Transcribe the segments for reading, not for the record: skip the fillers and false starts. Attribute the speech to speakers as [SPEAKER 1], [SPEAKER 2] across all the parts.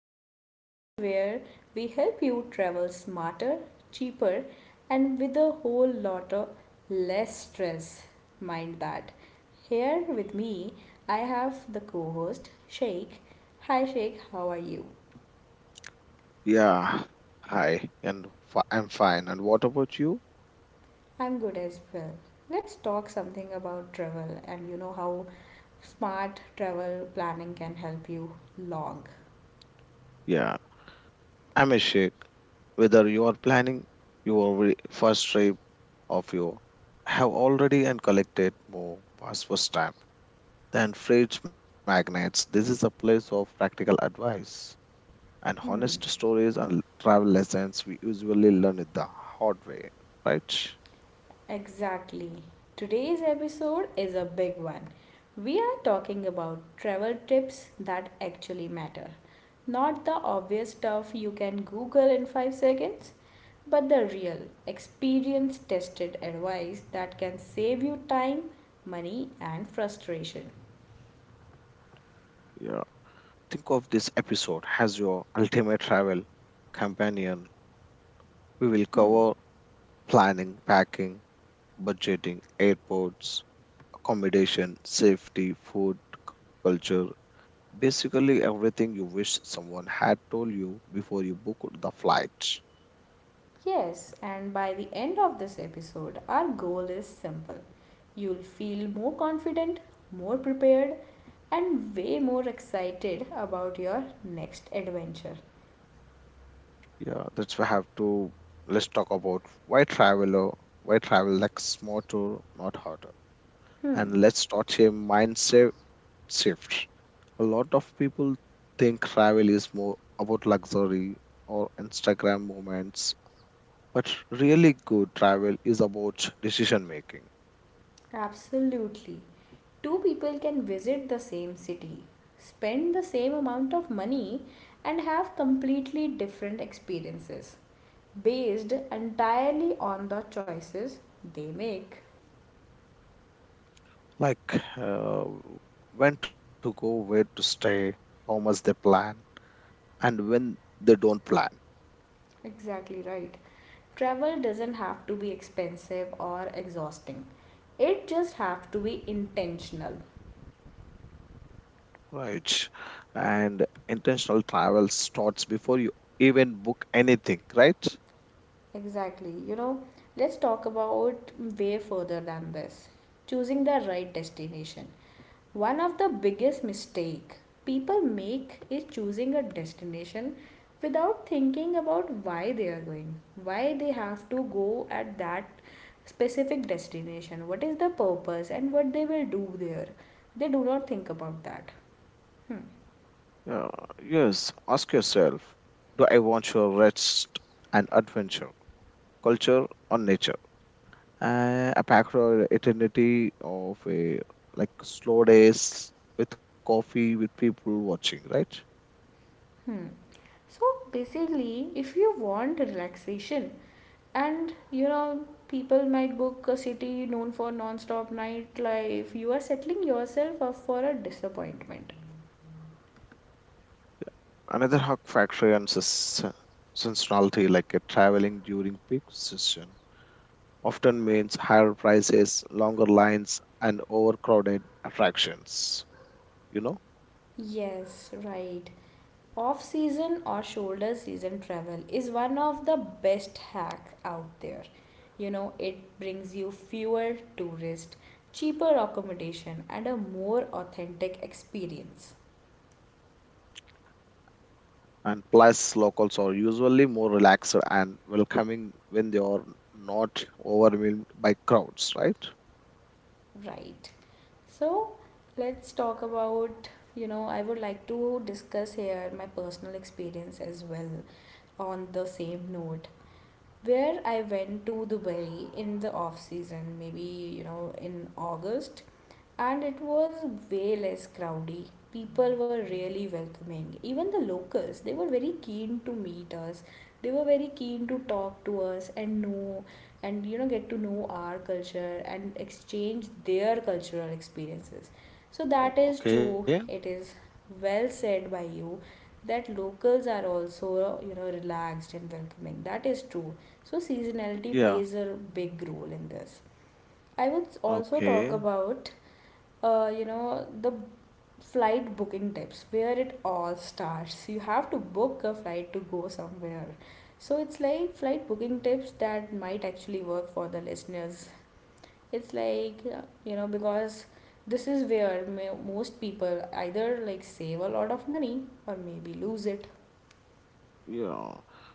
[SPEAKER 1] the podcast where we help you travel smarter, cheaper, and with a whole lot of less mind. That. Here with me, I have the co host, Sheikh. Hi, Sheikh, how are you?
[SPEAKER 2] Yeah, hi, and I'm fine. And what about you?
[SPEAKER 1] I'm good as well. Let's talk something about travel and how smart travel planning can help you long.
[SPEAKER 2] Yeah, I'm a shake. Whether you are planning your first trip of you have already and collected more passport stamp than freight magnets. This is a place of practical advice and honest
[SPEAKER 1] Hmm.
[SPEAKER 2] stories and travel lessons we usually learn it the hard way, right?
[SPEAKER 1] Exactly. Today's episode is a big one. We are talking about travel tips that actually matter. Not the obvious stuff you can Google in 5 seconds, but the real, experience tested advice that can save you time, money, and frustration.
[SPEAKER 2] Yeah. Think of this episode as your ultimate travel companion. We will
[SPEAKER 1] Hmm.
[SPEAKER 2] cover planning, packing, budgeting, airports, accommodation, safety, food, culture, basically everything you wish someone had told you before you booked the flight.
[SPEAKER 1] Yes, and by the end of this episode, our goal is simple. You'll feel more confident, more prepared, and way more excited about your next adventure.
[SPEAKER 2] Yeah, that's why I have to let's talk about why traveler, why travel like smarter, not harder.
[SPEAKER 1] Hmm,
[SPEAKER 2] And let's start here mindset shift. A lot of people think travel is more about luxury or Instagram moments, but really good travel is about decision making,
[SPEAKER 1] absolutely. Two people can visit the same city, spend the same amount of money, and have completely different experiences based entirely on the choices they make.
[SPEAKER 2] like uh, when to go, where to stay, how much they plan, and when they don't plan,
[SPEAKER 1] Exactly right. Travel doesn't have to be expensive or exhausting. It just have to be intentional.
[SPEAKER 2] right? And intentional travel starts before you even book anything, right?
[SPEAKER 1] Exactly. Let's talk about way further than this. Choosing the right destination. One of the biggest mistake people make is choosing a destination without thinking about why they are going, why they have to go at that specific destination, what is the purpose and what they will do there. They do not think about that. Hmm.
[SPEAKER 2] Yeah, yes, ask yourself, do I want your rest and adventure, culture, or nature? A packed or eternity of a like slow days with coffee with people watching, right?
[SPEAKER 1] Hmm. So basically, if you want relaxation, and people might book a city known for non-stop nightlife. You are settling yourself up for a disappointment.
[SPEAKER 2] Another hug factor and seasonality like a traveling during peak season often means higher prices, longer lines, and overcrowded attractions, you know.
[SPEAKER 1] Yes, right. Off season or shoulder season travel is one of the best hack out there. It brings you fewer tourists, cheaper accommodation and a more authentic experience.
[SPEAKER 2] And plus locals are usually more relaxed and welcoming when they are not overwhelmed by crowds, right?
[SPEAKER 1] Right. So let's talk about, I would like to discuss here my personal experience as well on the same note where I went to Dubai in the off season, maybe in August, and it was way less crowdy. People were really welcoming. Even the locals, they were very keen to meet us. They were very keen to talk to us and know and get to know our culture and exchange their cultural experiences. So
[SPEAKER 2] O-
[SPEAKER 1] that is
[SPEAKER 2] okay
[SPEAKER 1] true. It is well said by you that locals are also relaxed and welcoming, that is true. So, seasonality
[SPEAKER 2] Yeah.
[SPEAKER 1] plays a big role in this. I would also talk
[SPEAKER 2] Okay.
[SPEAKER 1] about, the flight booking tips where it all starts. You have to book a flight to go somewhere. So, it's like flight booking tips that might actually work for the listeners. It's like, because this is where most people either like save a lot of money or maybe lose it.
[SPEAKER 2] Yeah,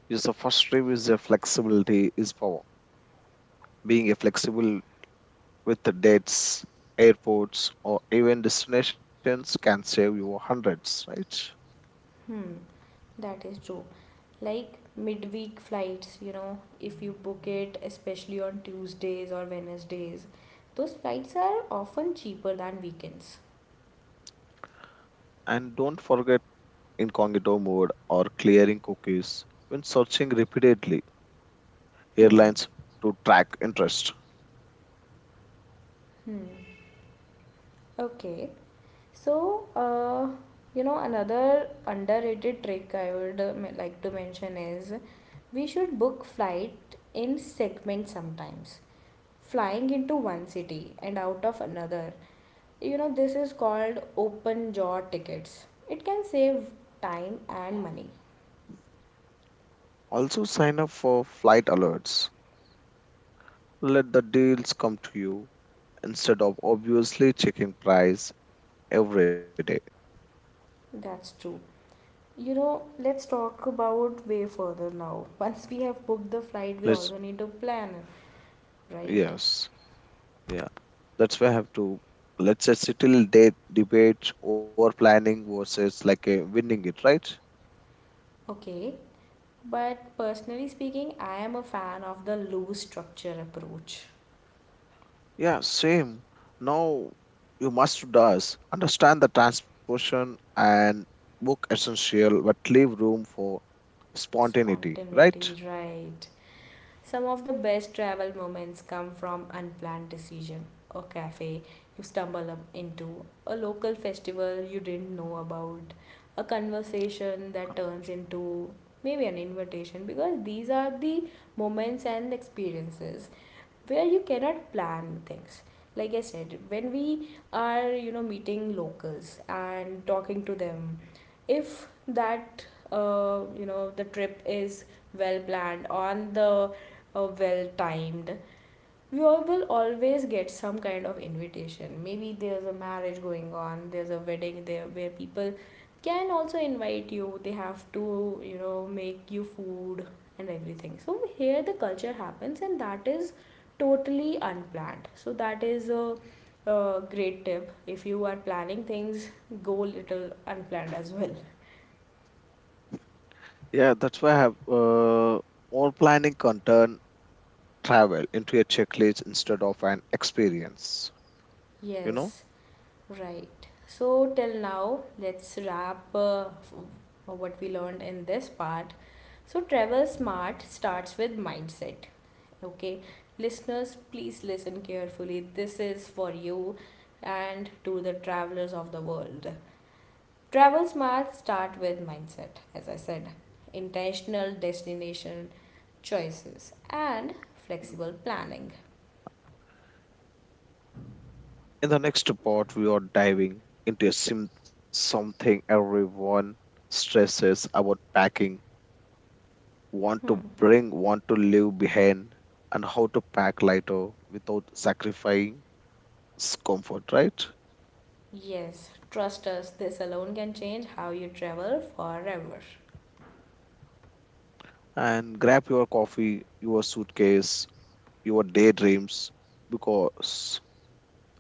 [SPEAKER 2] yes, the first stream is a flexibility is power. Being a flexible with the dates, airports, or even destinations can save you hundreds, right?
[SPEAKER 1] Hmm, that is true. Like midweek flights, if you book it especially on Tuesdays or Wednesdays, those flights are often cheaper than weekends.
[SPEAKER 2] And don't forget incognito mode or clearing cookies when searching repeatedly
[SPEAKER 1] Hmm.
[SPEAKER 2] airlines to track interest.
[SPEAKER 1] Hmm. Okay. So another underrated trick I would like to mention is we should book flight in segments. Sometimes flying into one city and out of another, this is called open jaw tickets. It can save time and money.
[SPEAKER 2] Also, sign up for flight alerts. Let the deals come to you instead of obviously checking price every day.
[SPEAKER 1] That's true. Let's talk about way further now. Once we have booked the flight, we
[SPEAKER 2] Let's,
[SPEAKER 1] also need to plan, right?
[SPEAKER 2] yes, yeah. That's why I have to, let's say, settle date debate over planning versus like a winning it, right?
[SPEAKER 1] Okay. But personally speaking, I am a fan of the loose structure approach.
[SPEAKER 2] Yeah, same. Now you must does understand the transportation and book essential, but leave room for spontaneity, right?
[SPEAKER 1] Spontaneity, right? Some of the best travel moments come from unplanned decision. A cafe you stumble up into, a local festival you didn't know about, a conversation that turns into maybe an invitation, because these are the moments and experiences where you cannot plan things. Like I said, when we are meeting locals and talking to them, if that the trip is well planned, on the well timed, we all will always get some kind of invitation. Maybe there's a marriage going on, there's a wedding there, where people can also invite you. They have to make you food and everything. So here the culture happens and that is totally unplanned. So that is a great tip. If you are planning things, go little unplanned as well.
[SPEAKER 2] Yeah, that's why I have more planning content travel into a checklist instead of an experience. You
[SPEAKER 1] Yes,
[SPEAKER 2] know,
[SPEAKER 1] right. So till now, let's wrap what we learned in this part. So, travel smart starts with mindset. Okay, listeners, please listen carefully. This is for you and to the travelers of the world. Travel smart start with mindset, as I said, intentional destination choices, and flexible planning.
[SPEAKER 2] in the next part, we are diving into a something everyone stresses about packing, want
[SPEAKER 1] Hmm.
[SPEAKER 2] to bring, want to leave behind, and how to pack lighter without sacrificing comfort, right?
[SPEAKER 1] Yes, trust us, this alone can change how you travel forever.
[SPEAKER 2] And grab your coffee, your suitcase, your daydreams, because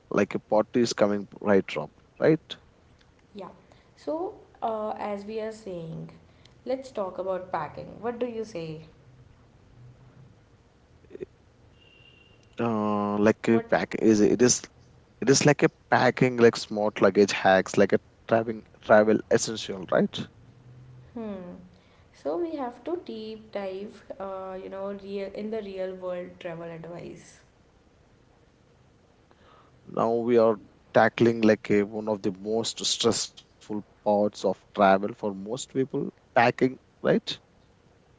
[SPEAKER 2] like a party is coming right up, right?
[SPEAKER 1] Yeah. So, as we are saying, let's talk about packing. What do you say?
[SPEAKER 2] Like a
[SPEAKER 1] What?
[SPEAKER 2] pack is it is, it is like a packing like smart luggage hacks, like a traveling travel essential, right?
[SPEAKER 1] Hmm. So we have to deep dive, real in the real world travel advice.
[SPEAKER 2] Now we are tackling like a one of the most stressful parts of travel for most people, packing, right?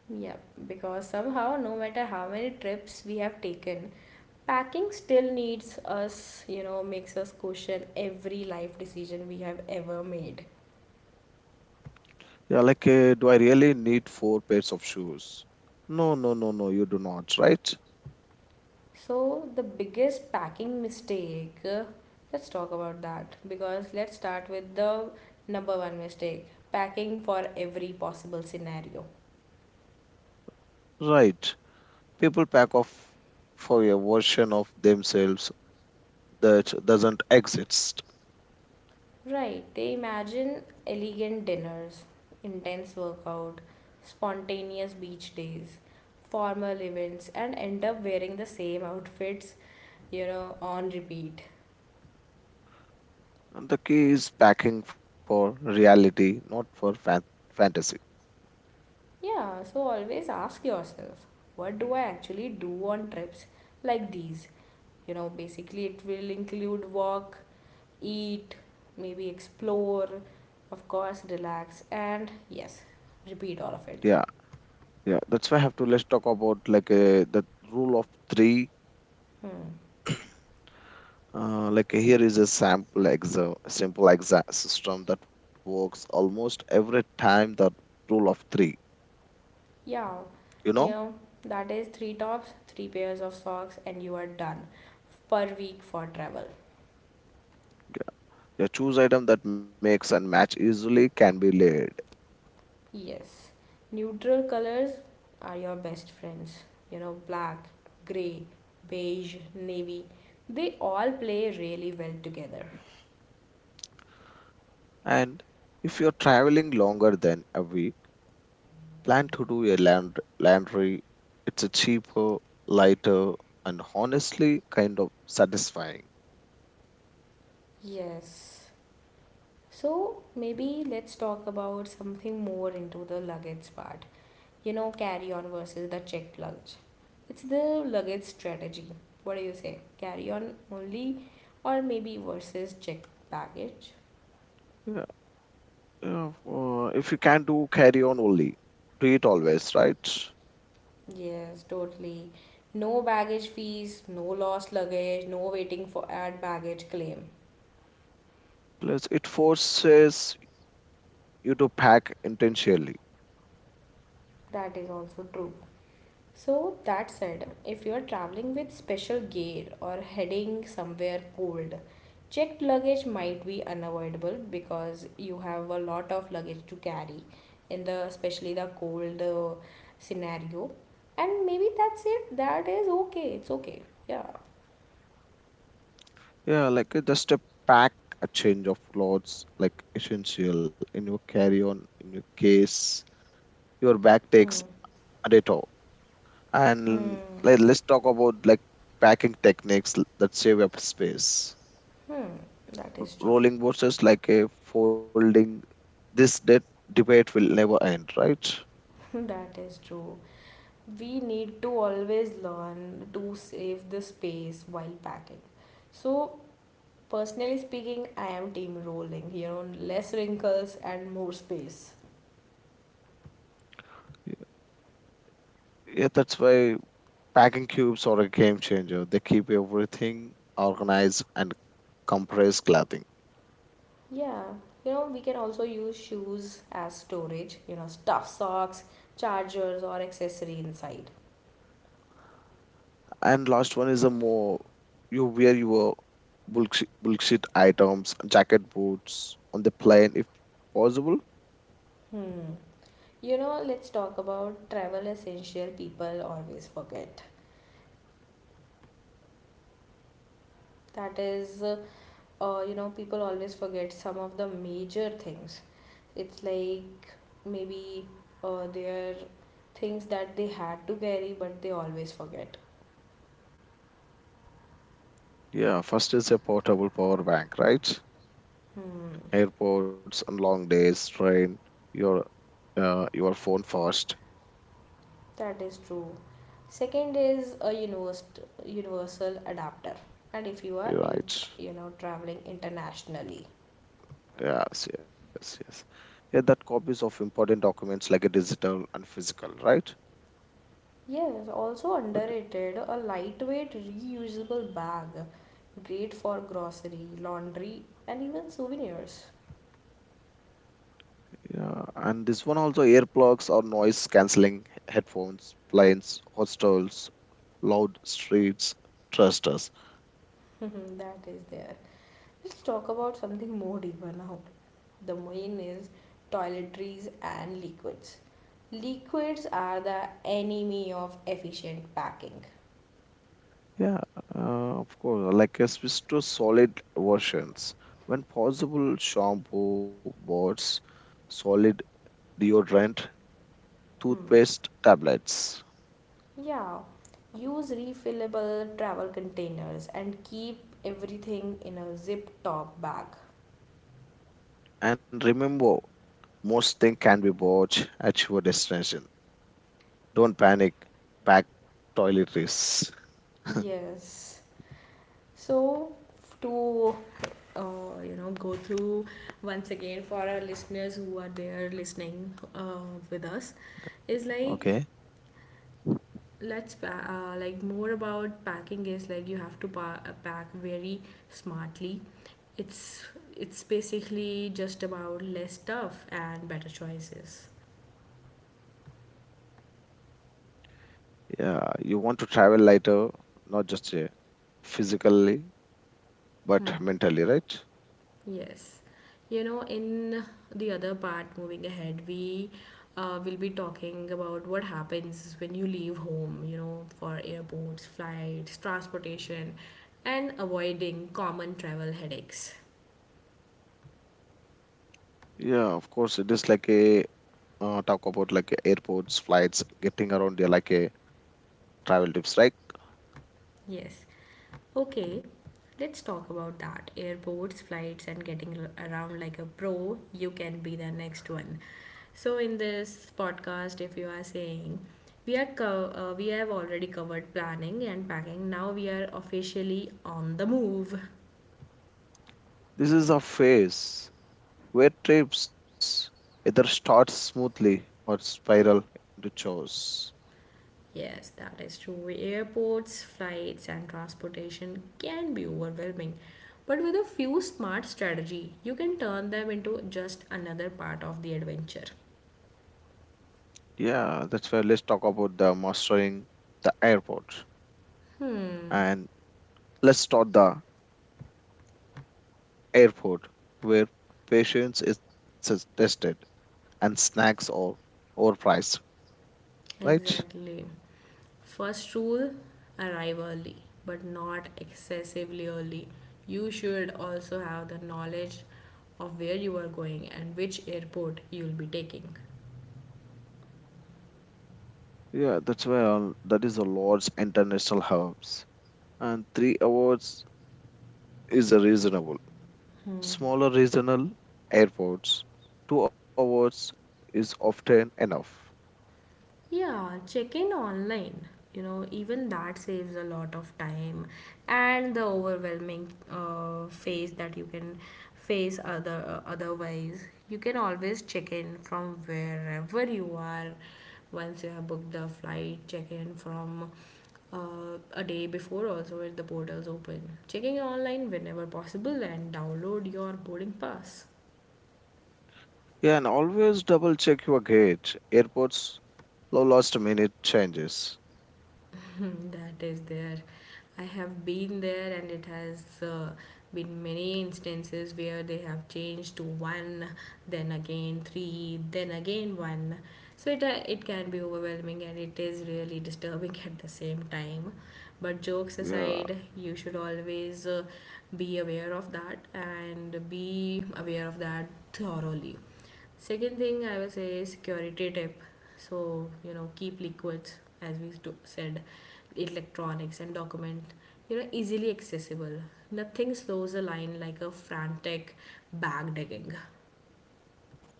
[SPEAKER 1] Yeah, because somehow, no matter how many trips we have taken, packing still makes us question every life decision we have ever made.
[SPEAKER 2] Yeah, like do I really need four pairs of shoes? No, no, no, no, you do not, right?
[SPEAKER 1] So, the biggest packing mistake, let's talk about that, because let's start with the number one mistake: packing for every possible scenario.
[SPEAKER 2] Right. People pack off for a version of themselves that doesn't exist.
[SPEAKER 1] Right, they imagine elegant dinners, intense workout, spontaneous beach days, formal events, and end up wearing the same outfits, on repeat.
[SPEAKER 2] And the key is packing for reality, not for fantasy.
[SPEAKER 1] Yeah, so always ask yourself, what do I actually do on trips like these? Basically, it will include walk, eat, maybe explore, of course, relax, and yes, repeat all of it.
[SPEAKER 2] Yeah, yeah. That's why I have to let's talk about like the rule of three.
[SPEAKER 1] Hmm.
[SPEAKER 2] Like here is a sample exa simple exa system that works almost every time. The rule of three.
[SPEAKER 1] Yeah,
[SPEAKER 2] You
[SPEAKER 1] you
[SPEAKER 2] know,
[SPEAKER 1] know, that is three tops, three pairs of socks, and you are done per week for travel.
[SPEAKER 2] yeah. The choose item that makes and match easily can be laid.
[SPEAKER 1] Yes, neutral colors are your best friends. Black, gray, beige, navy, they all play really well together.
[SPEAKER 2] And if you're traveling longer than a week, plan to do a land laundry. It's a cheaper, lighter, and honestly kind of satisfying.
[SPEAKER 1] Yes. So maybe let's talk about something more into the luggage part. Carry on versus the checked luggage. It's the luggage strategy. What do you say? Carry on only, or maybe versus checked baggage?
[SPEAKER 2] Yeah, yeah, if you can do carry on only, do it always, right?
[SPEAKER 1] Yes, totally. No baggage fees, no lost luggage, no waiting for ad baggage claim.
[SPEAKER 2] Plus, it forces you to pack intentionally.
[SPEAKER 1] That is also true. So that said, if you're traveling with special gear or heading somewhere cold, checked luggage might be unavoidable because you have a lot of luggage to carry in the especially the cold scenario. And maybe that's it. That is okay. It's okay. Yeah.
[SPEAKER 2] Yeah, like just a pack, a change of clothes, like essential in your carry on, in your case. Your bag takes a day toll. And
[SPEAKER 1] Hmm.
[SPEAKER 2] like, let's talk about like packing techniques that save up space.
[SPEAKER 1] Hmm. That is true.
[SPEAKER 2] Rolling versus like a folding. This debate will never end, right?
[SPEAKER 1] That is true. We need to always learn to save the space while packing. So personally speaking, I am team rolling, less wrinkles and more space.
[SPEAKER 2] Yeah, that's why packing cubes are a game changer. They keep everything organized and compress clothing.
[SPEAKER 1] Yeah, we can also use shoes as storage, stuff socks, chargers, or accessory inside.
[SPEAKER 2] And last one is a more you wear your bullshit items, jacket, boots on the plane if possible.
[SPEAKER 1] Hmm. Let's talk about travel essential people always forget. That is, people always forget some of the major things. It's like maybe their things that they had to carry, but they always forget.
[SPEAKER 2] Yeah, first is a portable power bank, right?
[SPEAKER 1] Hmm,
[SPEAKER 2] Airports and long days, train, your your phone first,
[SPEAKER 1] that is true. Second is universal adapter, and if you are in,
[SPEAKER 2] right?
[SPEAKER 1] traveling internationally.
[SPEAKER 2] Yes, yes, yes. Yeah, that copies of important documents like a digital and physical, right?
[SPEAKER 1] Yes, also
[SPEAKER 2] But
[SPEAKER 1] underrated, a lightweight reusable bag, great for grocery, laundry, and even souvenirs.
[SPEAKER 2] yeah, and this one also earplugs or noise cancelling headphones, planes, hostels, loud streets, trusters.
[SPEAKER 1] That is there. Let's talk about something more deeper now. The main is toiletries and liquids. Liquids are the enemy of efficient packing.
[SPEAKER 2] Yeah, uh, of course. Like a switch to solid versions. When possible, shampoo, boards, solid deodorant,
[SPEAKER 1] Hmm.
[SPEAKER 2] toothpaste, tablets.
[SPEAKER 1] Yeah, use refillable travel containers and keep everything in a zip top bag.
[SPEAKER 2] And remember, most thing can be bought at your destination. Don't panic, pack toiletries.
[SPEAKER 1] Yes. So, to go through once again for our listeners who are there listening with us, is like
[SPEAKER 2] Okay.
[SPEAKER 1] Let's like more about packing is like you have to pack very smartly. It's basically just about less stuff and better choices.
[SPEAKER 2] Yeah, you want to travel lighter, not just physically, but
[SPEAKER 1] Hmm.
[SPEAKER 2] mentally, right?
[SPEAKER 1] Yes. In the other part, moving ahead, we will be talking about what happens when you leave home, for airports, flights, transportation, and avoiding common travel headaches.
[SPEAKER 2] Yeah, of course, it is like a talk about like airports, flights, getting around like a travel tips, right?
[SPEAKER 1] Yes. Okay, let's talk about that. Airports, flights, and getting around like a pro, you can be the next one. So in this podcast, if you are saying, we are we have already covered planning and packing. Now we are officially on the move.
[SPEAKER 2] This is a phase where trips either start smoothly or spiral into chores.
[SPEAKER 1] Yes, that is true. Airports, flights, and transportation can be overwhelming, but with a few smart strategy, you can turn them into just another part of the adventure.
[SPEAKER 2] Yeah, that's why let's talk about the mastering the airport.
[SPEAKER 1] Hmm.
[SPEAKER 2] And let's start the airport where patience is tested and snacks are overpriced, right?
[SPEAKER 1] Exactly. First rule, arrive early, but not excessively early. You should also have the knowledge of where you are going and which airport you'll be taking.
[SPEAKER 2] Yeah, that's why that is a large international hubs. And 3 hours is a reasonable. Smaller regional airports, 2 hours is often enough.
[SPEAKER 1] Yeah, check in online. Even that saves a lot of time and the overwhelming phase that you can face other otherwise. You can always check in from wherever you are once you have booked the flight. Check in from a day before also if the portals open. Checking online whenever possible and download your boarding pass.
[SPEAKER 2] Yeah, and always double check your gate. Airports low last minute changes.
[SPEAKER 1] That is their. I have been there, and it has been many instances where they have changed to one, then again three, then again one. So it can be overwhelming, and it is really disturbing at the same time. But jokes
[SPEAKER 2] Yeah,
[SPEAKER 1] aside, you should always be aware of that and be aware of that thoroughly. Second thing I will say is security tip. So, you know, keep liquids, as said, electronics and document, you know, easily accessible. Nothing slows a line like a frantic bag digging.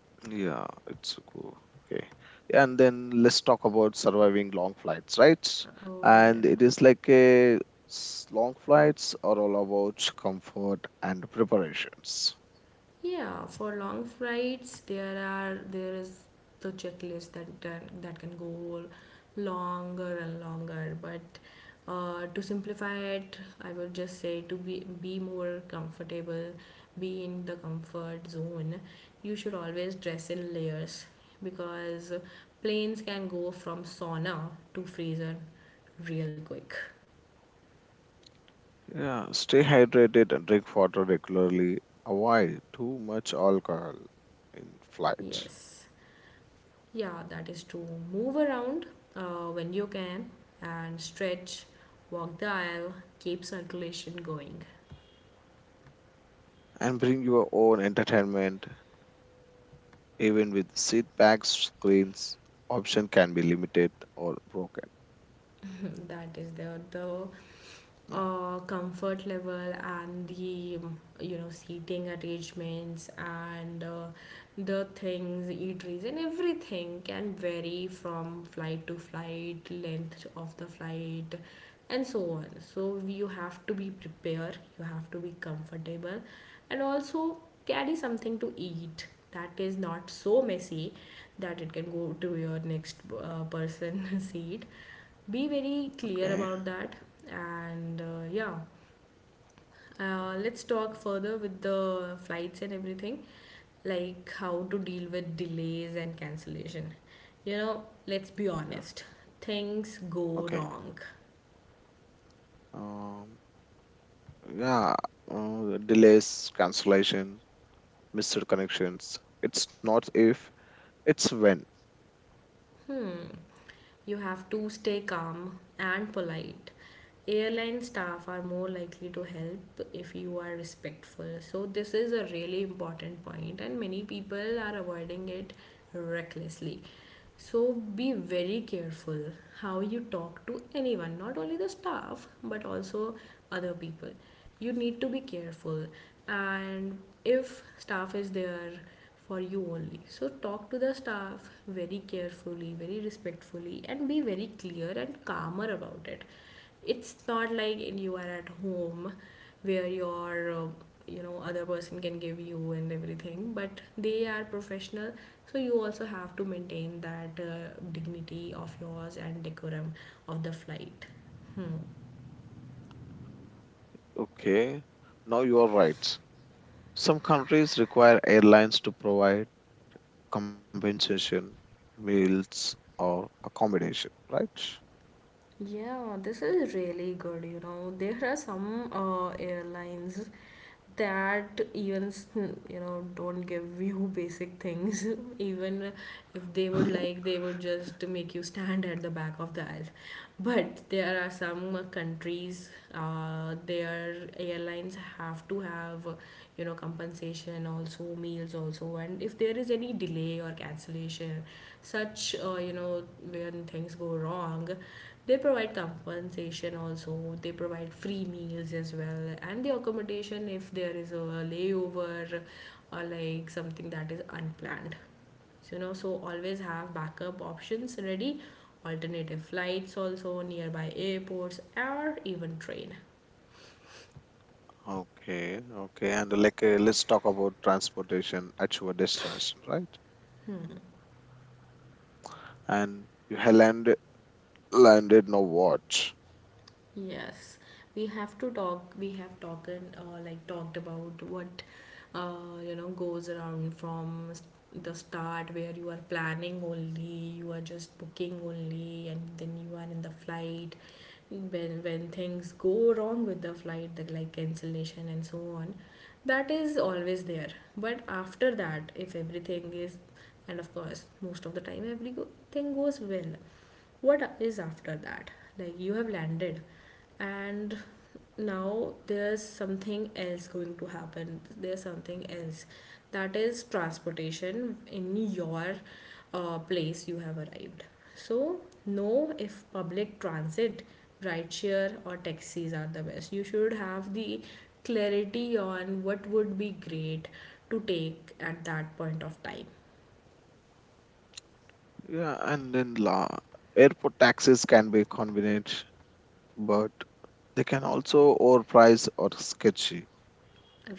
[SPEAKER 2] yeah, it's cool. Okay. And then let's talk about surviving long flights, right?
[SPEAKER 1] Oh,
[SPEAKER 2] And it
[SPEAKER 1] yeah.
[SPEAKER 2] is like a long flights are all about comfort and preparations.
[SPEAKER 1] Yeah, for long flights, there is the checklist that can go longer and longer. But to simplify it, I would just say to be more comfortable, be in the comfort zone. You should always dress in layers because planes can go from sauna to freezer real quick.
[SPEAKER 2] Yeah, stay hydrated and drink water regularly. Avoid too much alcohol in flights.
[SPEAKER 1] Yes. Yeah, that is to move around when you can and stretch, walk the aisle, keep circulation going.
[SPEAKER 2] And bring your own entertainment. Even with seat back screens, option can be limited or broken.
[SPEAKER 1] that is the
[SPEAKER 2] Mm.
[SPEAKER 1] comfort level and the you know seating arrangements and the things eateries and everything can vary from flight to flight, length of the flight and so on. So you have to be prepared, you have to be comfortable, and also carry something to eat that is not so messy that it can go to your next person seat. Be very clear
[SPEAKER 2] Okay.
[SPEAKER 1] about that. And yeah, let's talk further with the flights and everything, like how to deal with delays and cancellation. You know, let's be
[SPEAKER 2] Yeah.
[SPEAKER 1] honest, things go
[SPEAKER 2] Okay.
[SPEAKER 1] wrong.
[SPEAKER 2] Um, yeah. Delays, cancellation, missed connections. It's not if, it's when.
[SPEAKER 1] Hmm, you have to stay calm and polite. Airline staff are more likely to help if you are respectful. So, this is a really important point, and many people are avoiding it recklessly. So be very careful how you talk to anyone, not only the staff, but also other people. You need to be careful. And if staff is there for you only, so talk to the staff very carefully, very respectfully, and be very clear and calmer about it. It's not like you are at home where your you know, other person can give you and everything, but they are professional, so you also have to maintain that dignity of yours and decorum of the flight. Hmm.
[SPEAKER 2] Okay. Now you are right. Some countries require airlines to provide compensation, meals, or accommodation, right?
[SPEAKER 1] Yeah, this is really good. You know, there are some airlines that even, you know, don't give you basic things even if they would like. They would just make you stand at the back of the aisle. But there are some countries, their airlines have to have, you know, compensation also, meals also, and if there is any delay or cancellation, such you know, when things go wrong, they provide compensation also. They provide free meals as well, and the accommodation if there is a layover or like something that is unplanned. So, you know, so always have backup options ready, alternative flights also, nearby airports, or even train.
[SPEAKER 2] Okay, okay. And like, let's talk about transportation at your destination, right? And you have landed, landed, now what?
[SPEAKER 1] Yes, we have to talk. We have talked like talked about what you know, goes around from the start where you are planning only, you are just booking only, and then you are in the flight. When things go wrong with the flight, the like cancellation and so on, that is always there. But after that, if everything is, and of course most of the time everything goes well, what is after that, like you have landed, and now there's something else going to happen, there's something else, that is transportation in your place you have arrived. So know, if public transit, rideshare or taxis are the best, you should have the clarity on what would be great to take at that point of time.
[SPEAKER 2] Yeah, and then la Airport taxis can be convenient, but they can also overpriced or sketchy.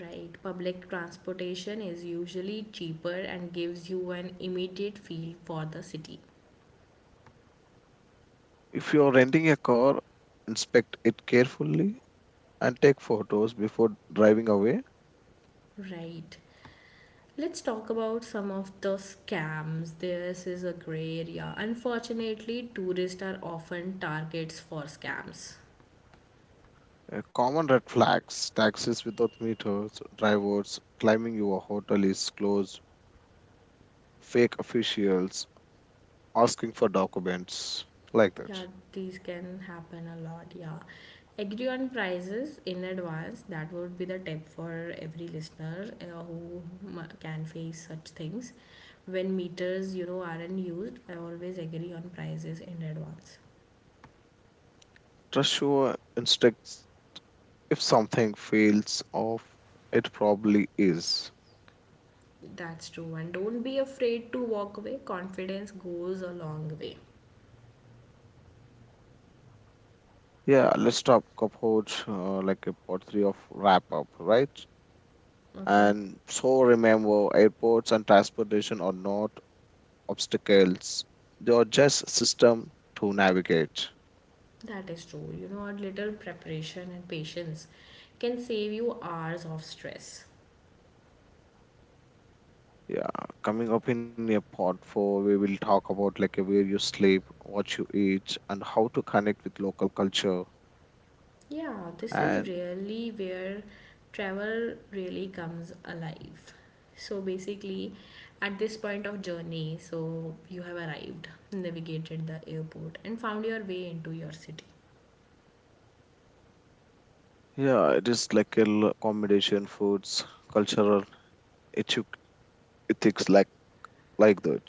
[SPEAKER 1] Right, public transportation is usually cheaper and gives you an immediate feel for the city.
[SPEAKER 2] If you're renting a car, inspect it carefully and take photos before driving away.
[SPEAKER 1] Right. Let's talk about some of the scams. This is a gray area. Unfortunately, tourists are often targets for scams.
[SPEAKER 2] Common red flags, taxis without meters, drivers claiming your hotel is closed, fake officials asking for documents, like that.
[SPEAKER 1] Yeah, these can happen a lot. Yeah, agree on prices in advance. That would be the tip for every listener who can face such things. When meters, you know, aren't used, I always agree on prices in advance.
[SPEAKER 2] Trust your instincts. If something feels off, it probably is.
[SPEAKER 1] That's true. And don't be afraid to walk away. Confidence goes a long way.
[SPEAKER 2] Yeah, let's talk about like a part three of wrap up, right?
[SPEAKER 1] Okay.
[SPEAKER 2] And so remember, airports and transportation are not obstacles, they are just system to navigate.
[SPEAKER 1] That is true. You know, a little preparation and patience can save you hours of stress.
[SPEAKER 2] Yeah, coming up in a part four, we will talk about like where you sleep, what you eat, and how to connect with local culture.
[SPEAKER 1] Yeah, this is
[SPEAKER 2] And
[SPEAKER 1] really where travel really comes alive. So basically, at this point of journey, so you have arrived, navigated the airport, and found your way into your city.
[SPEAKER 2] yeah, it is like a accommodation, foods, cultural ethic, ethics, like that.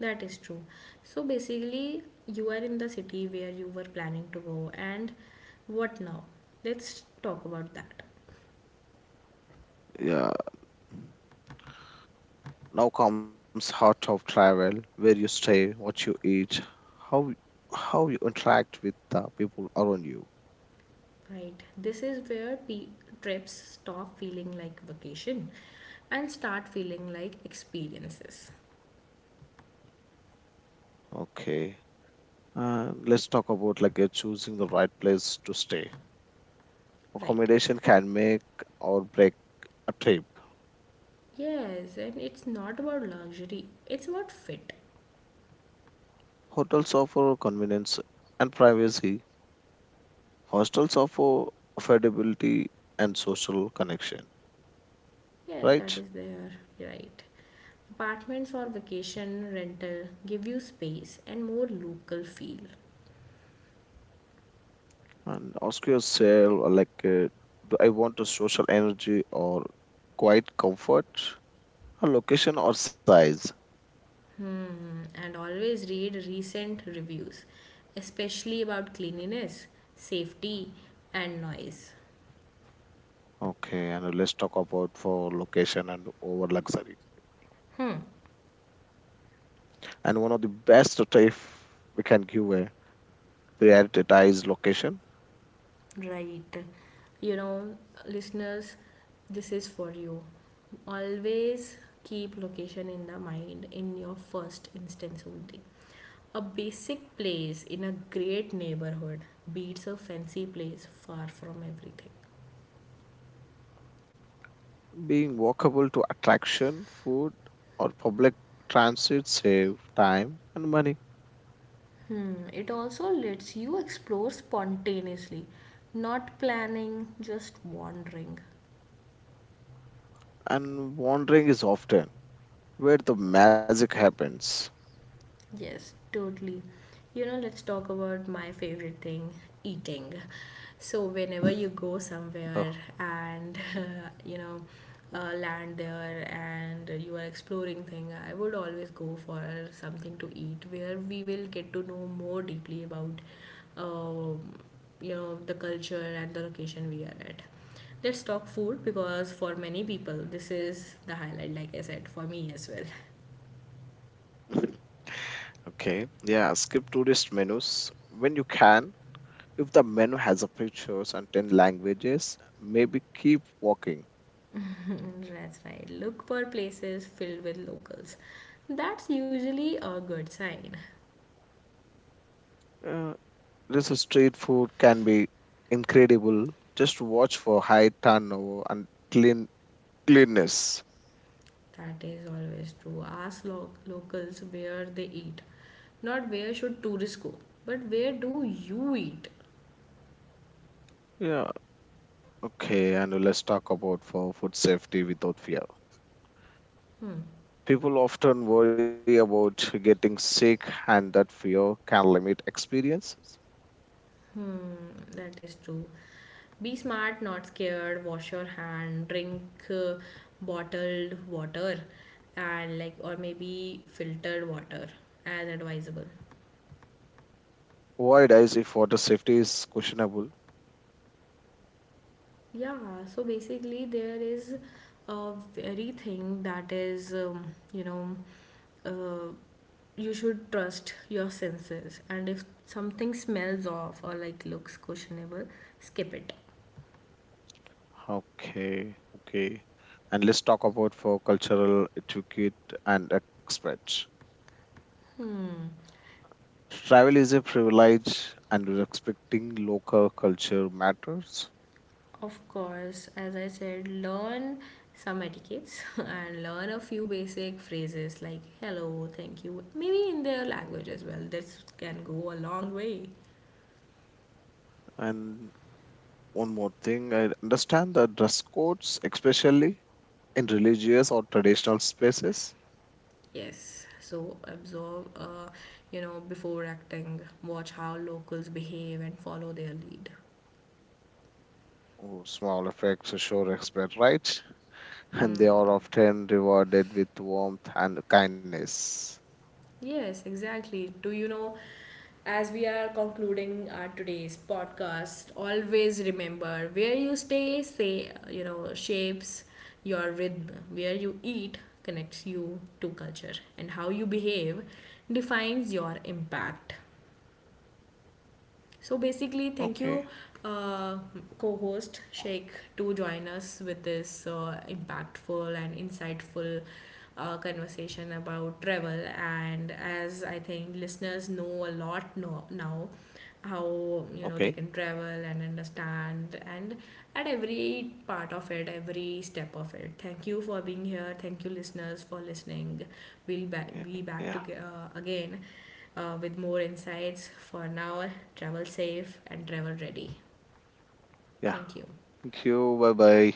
[SPEAKER 1] That is true. So basically, you are in the city where you were planning to go, and what now? Let's talk about that.
[SPEAKER 2] Yeah. Now comes heart of travel, where you stay, what you eat, how how you interact with the people around you.
[SPEAKER 1] Right. This is where trips stop feeling like vacation and start feeling like experiences.
[SPEAKER 2] Okay. And let's talk about like choosing the right place to stay.
[SPEAKER 1] Right.
[SPEAKER 2] Accommodation can make or break a trip.
[SPEAKER 1] Yes, and it's not about luxury, it's about fit.
[SPEAKER 2] Hotels offer convenience and privacy. Hostels offer affordability and social connection,
[SPEAKER 1] Yes, that
[SPEAKER 2] right?
[SPEAKER 1] is there. Right. Apartments or vacation rental give you space and more local feel.
[SPEAKER 2] And ask yourself, do I want a social energy or quiet comfort? A location or size?
[SPEAKER 1] Hmm. And always read recent reviews, especially about cleanliness, safety, and noise.
[SPEAKER 2] Okay, and let's talk about for location and over luxury.
[SPEAKER 1] Hmm.
[SPEAKER 2] And one of the best type we can give a prioritize location,
[SPEAKER 1] Right. You know, listeners, this is for you. Always keep location in the mind in your first instance only. A basic place in a great neighborhood beats a fancy place far from everything.
[SPEAKER 2] being walkable to attraction, food, or public transit save time and money.
[SPEAKER 1] Hmm, it also lets you explore spontaneously, not planning, just wandering.
[SPEAKER 2] And wandering is often where the magic happens.
[SPEAKER 1] Yes, totally. You know, let's talk about my favorite thing, eating. So whenever you go
[SPEAKER 2] Huh.
[SPEAKER 1] somewhere and you know, land there and you are exploring thing, I would always go for something to eat where we will get to know more deeply about um you know, the culture and the location we are at. Let's talk food because for many people this is the highlight. Like I said, for me as well.
[SPEAKER 2] Okay, yeah, skip tourist menus when you can. If the menu has a pictures and 10 languages, maybe keep walking.
[SPEAKER 1] Mm, that's right. Look for places filled with locals. That's usually a good sign.
[SPEAKER 2] Uh, this is street food can be incredible. Just watch for high turnover and clean cleanness.
[SPEAKER 1] That is always true. Ask locals where they eat. Not where should tourists go, but where do you eat?
[SPEAKER 2] Yeah. Okay, and let's talk about for food safety without fear.
[SPEAKER 1] Hmm.
[SPEAKER 2] People often worry about getting sick, and that fear can limit experiences.
[SPEAKER 1] Hmm. That is true. Be smart, not scared. Wash your hand. Drink uh, bottled water, and like or maybe filtered water as advisable.
[SPEAKER 2] Why does if water safety is questionable?
[SPEAKER 1] Yeah. So basically, there is a very thing that is you know, uh, you should trust your senses, and if something smells off or like looks questionable, skip it.
[SPEAKER 2] Okay, okay. And let's talk about for cultural etiquette and respect.
[SPEAKER 1] Hmm.
[SPEAKER 2] Travel is a privilege, and respecting local culture matters.
[SPEAKER 1] Of course, as I said, learn some etiquettes and learn a few basic phrases like hello, thank you, maybe in their language as well. This can go a long way.
[SPEAKER 2] And one more thing, I understand the dress codes, especially in religious or traditional spaces.
[SPEAKER 1] Yes, so observe, you know, before acting, watch how locals behave and follow their lead.
[SPEAKER 2] Oh, small effects show respect, right? And they are often rewarded with warmth and kindness.
[SPEAKER 1] Yes, exactly. Do you know, as we are concluding our today's podcast, always remember, where you stay, say, you know, shapes your rhythm, where you eat connects you to culture, and how you behave defines your impact. So basically, thank
[SPEAKER 2] Okay,
[SPEAKER 1] you, uh, co-host Sheikh, to join us with this impactful and insightful conversation about travel. And as I think listeners know a lot now, how, you know, they
[SPEAKER 2] okay,
[SPEAKER 1] can travel and understand, and at every part of it, every step of it. Thank you for being here. Thank you, listeners, for listening. We'll be
[SPEAKER 2] yeah,
[SPEAKER 1] back to, again with more insights. For now, travel safe and travel ready.
[SPEAKER 2] yeah.
[SPEAKER 1] Thank you.
[SPEAKER 2] Thank you. Bye bye.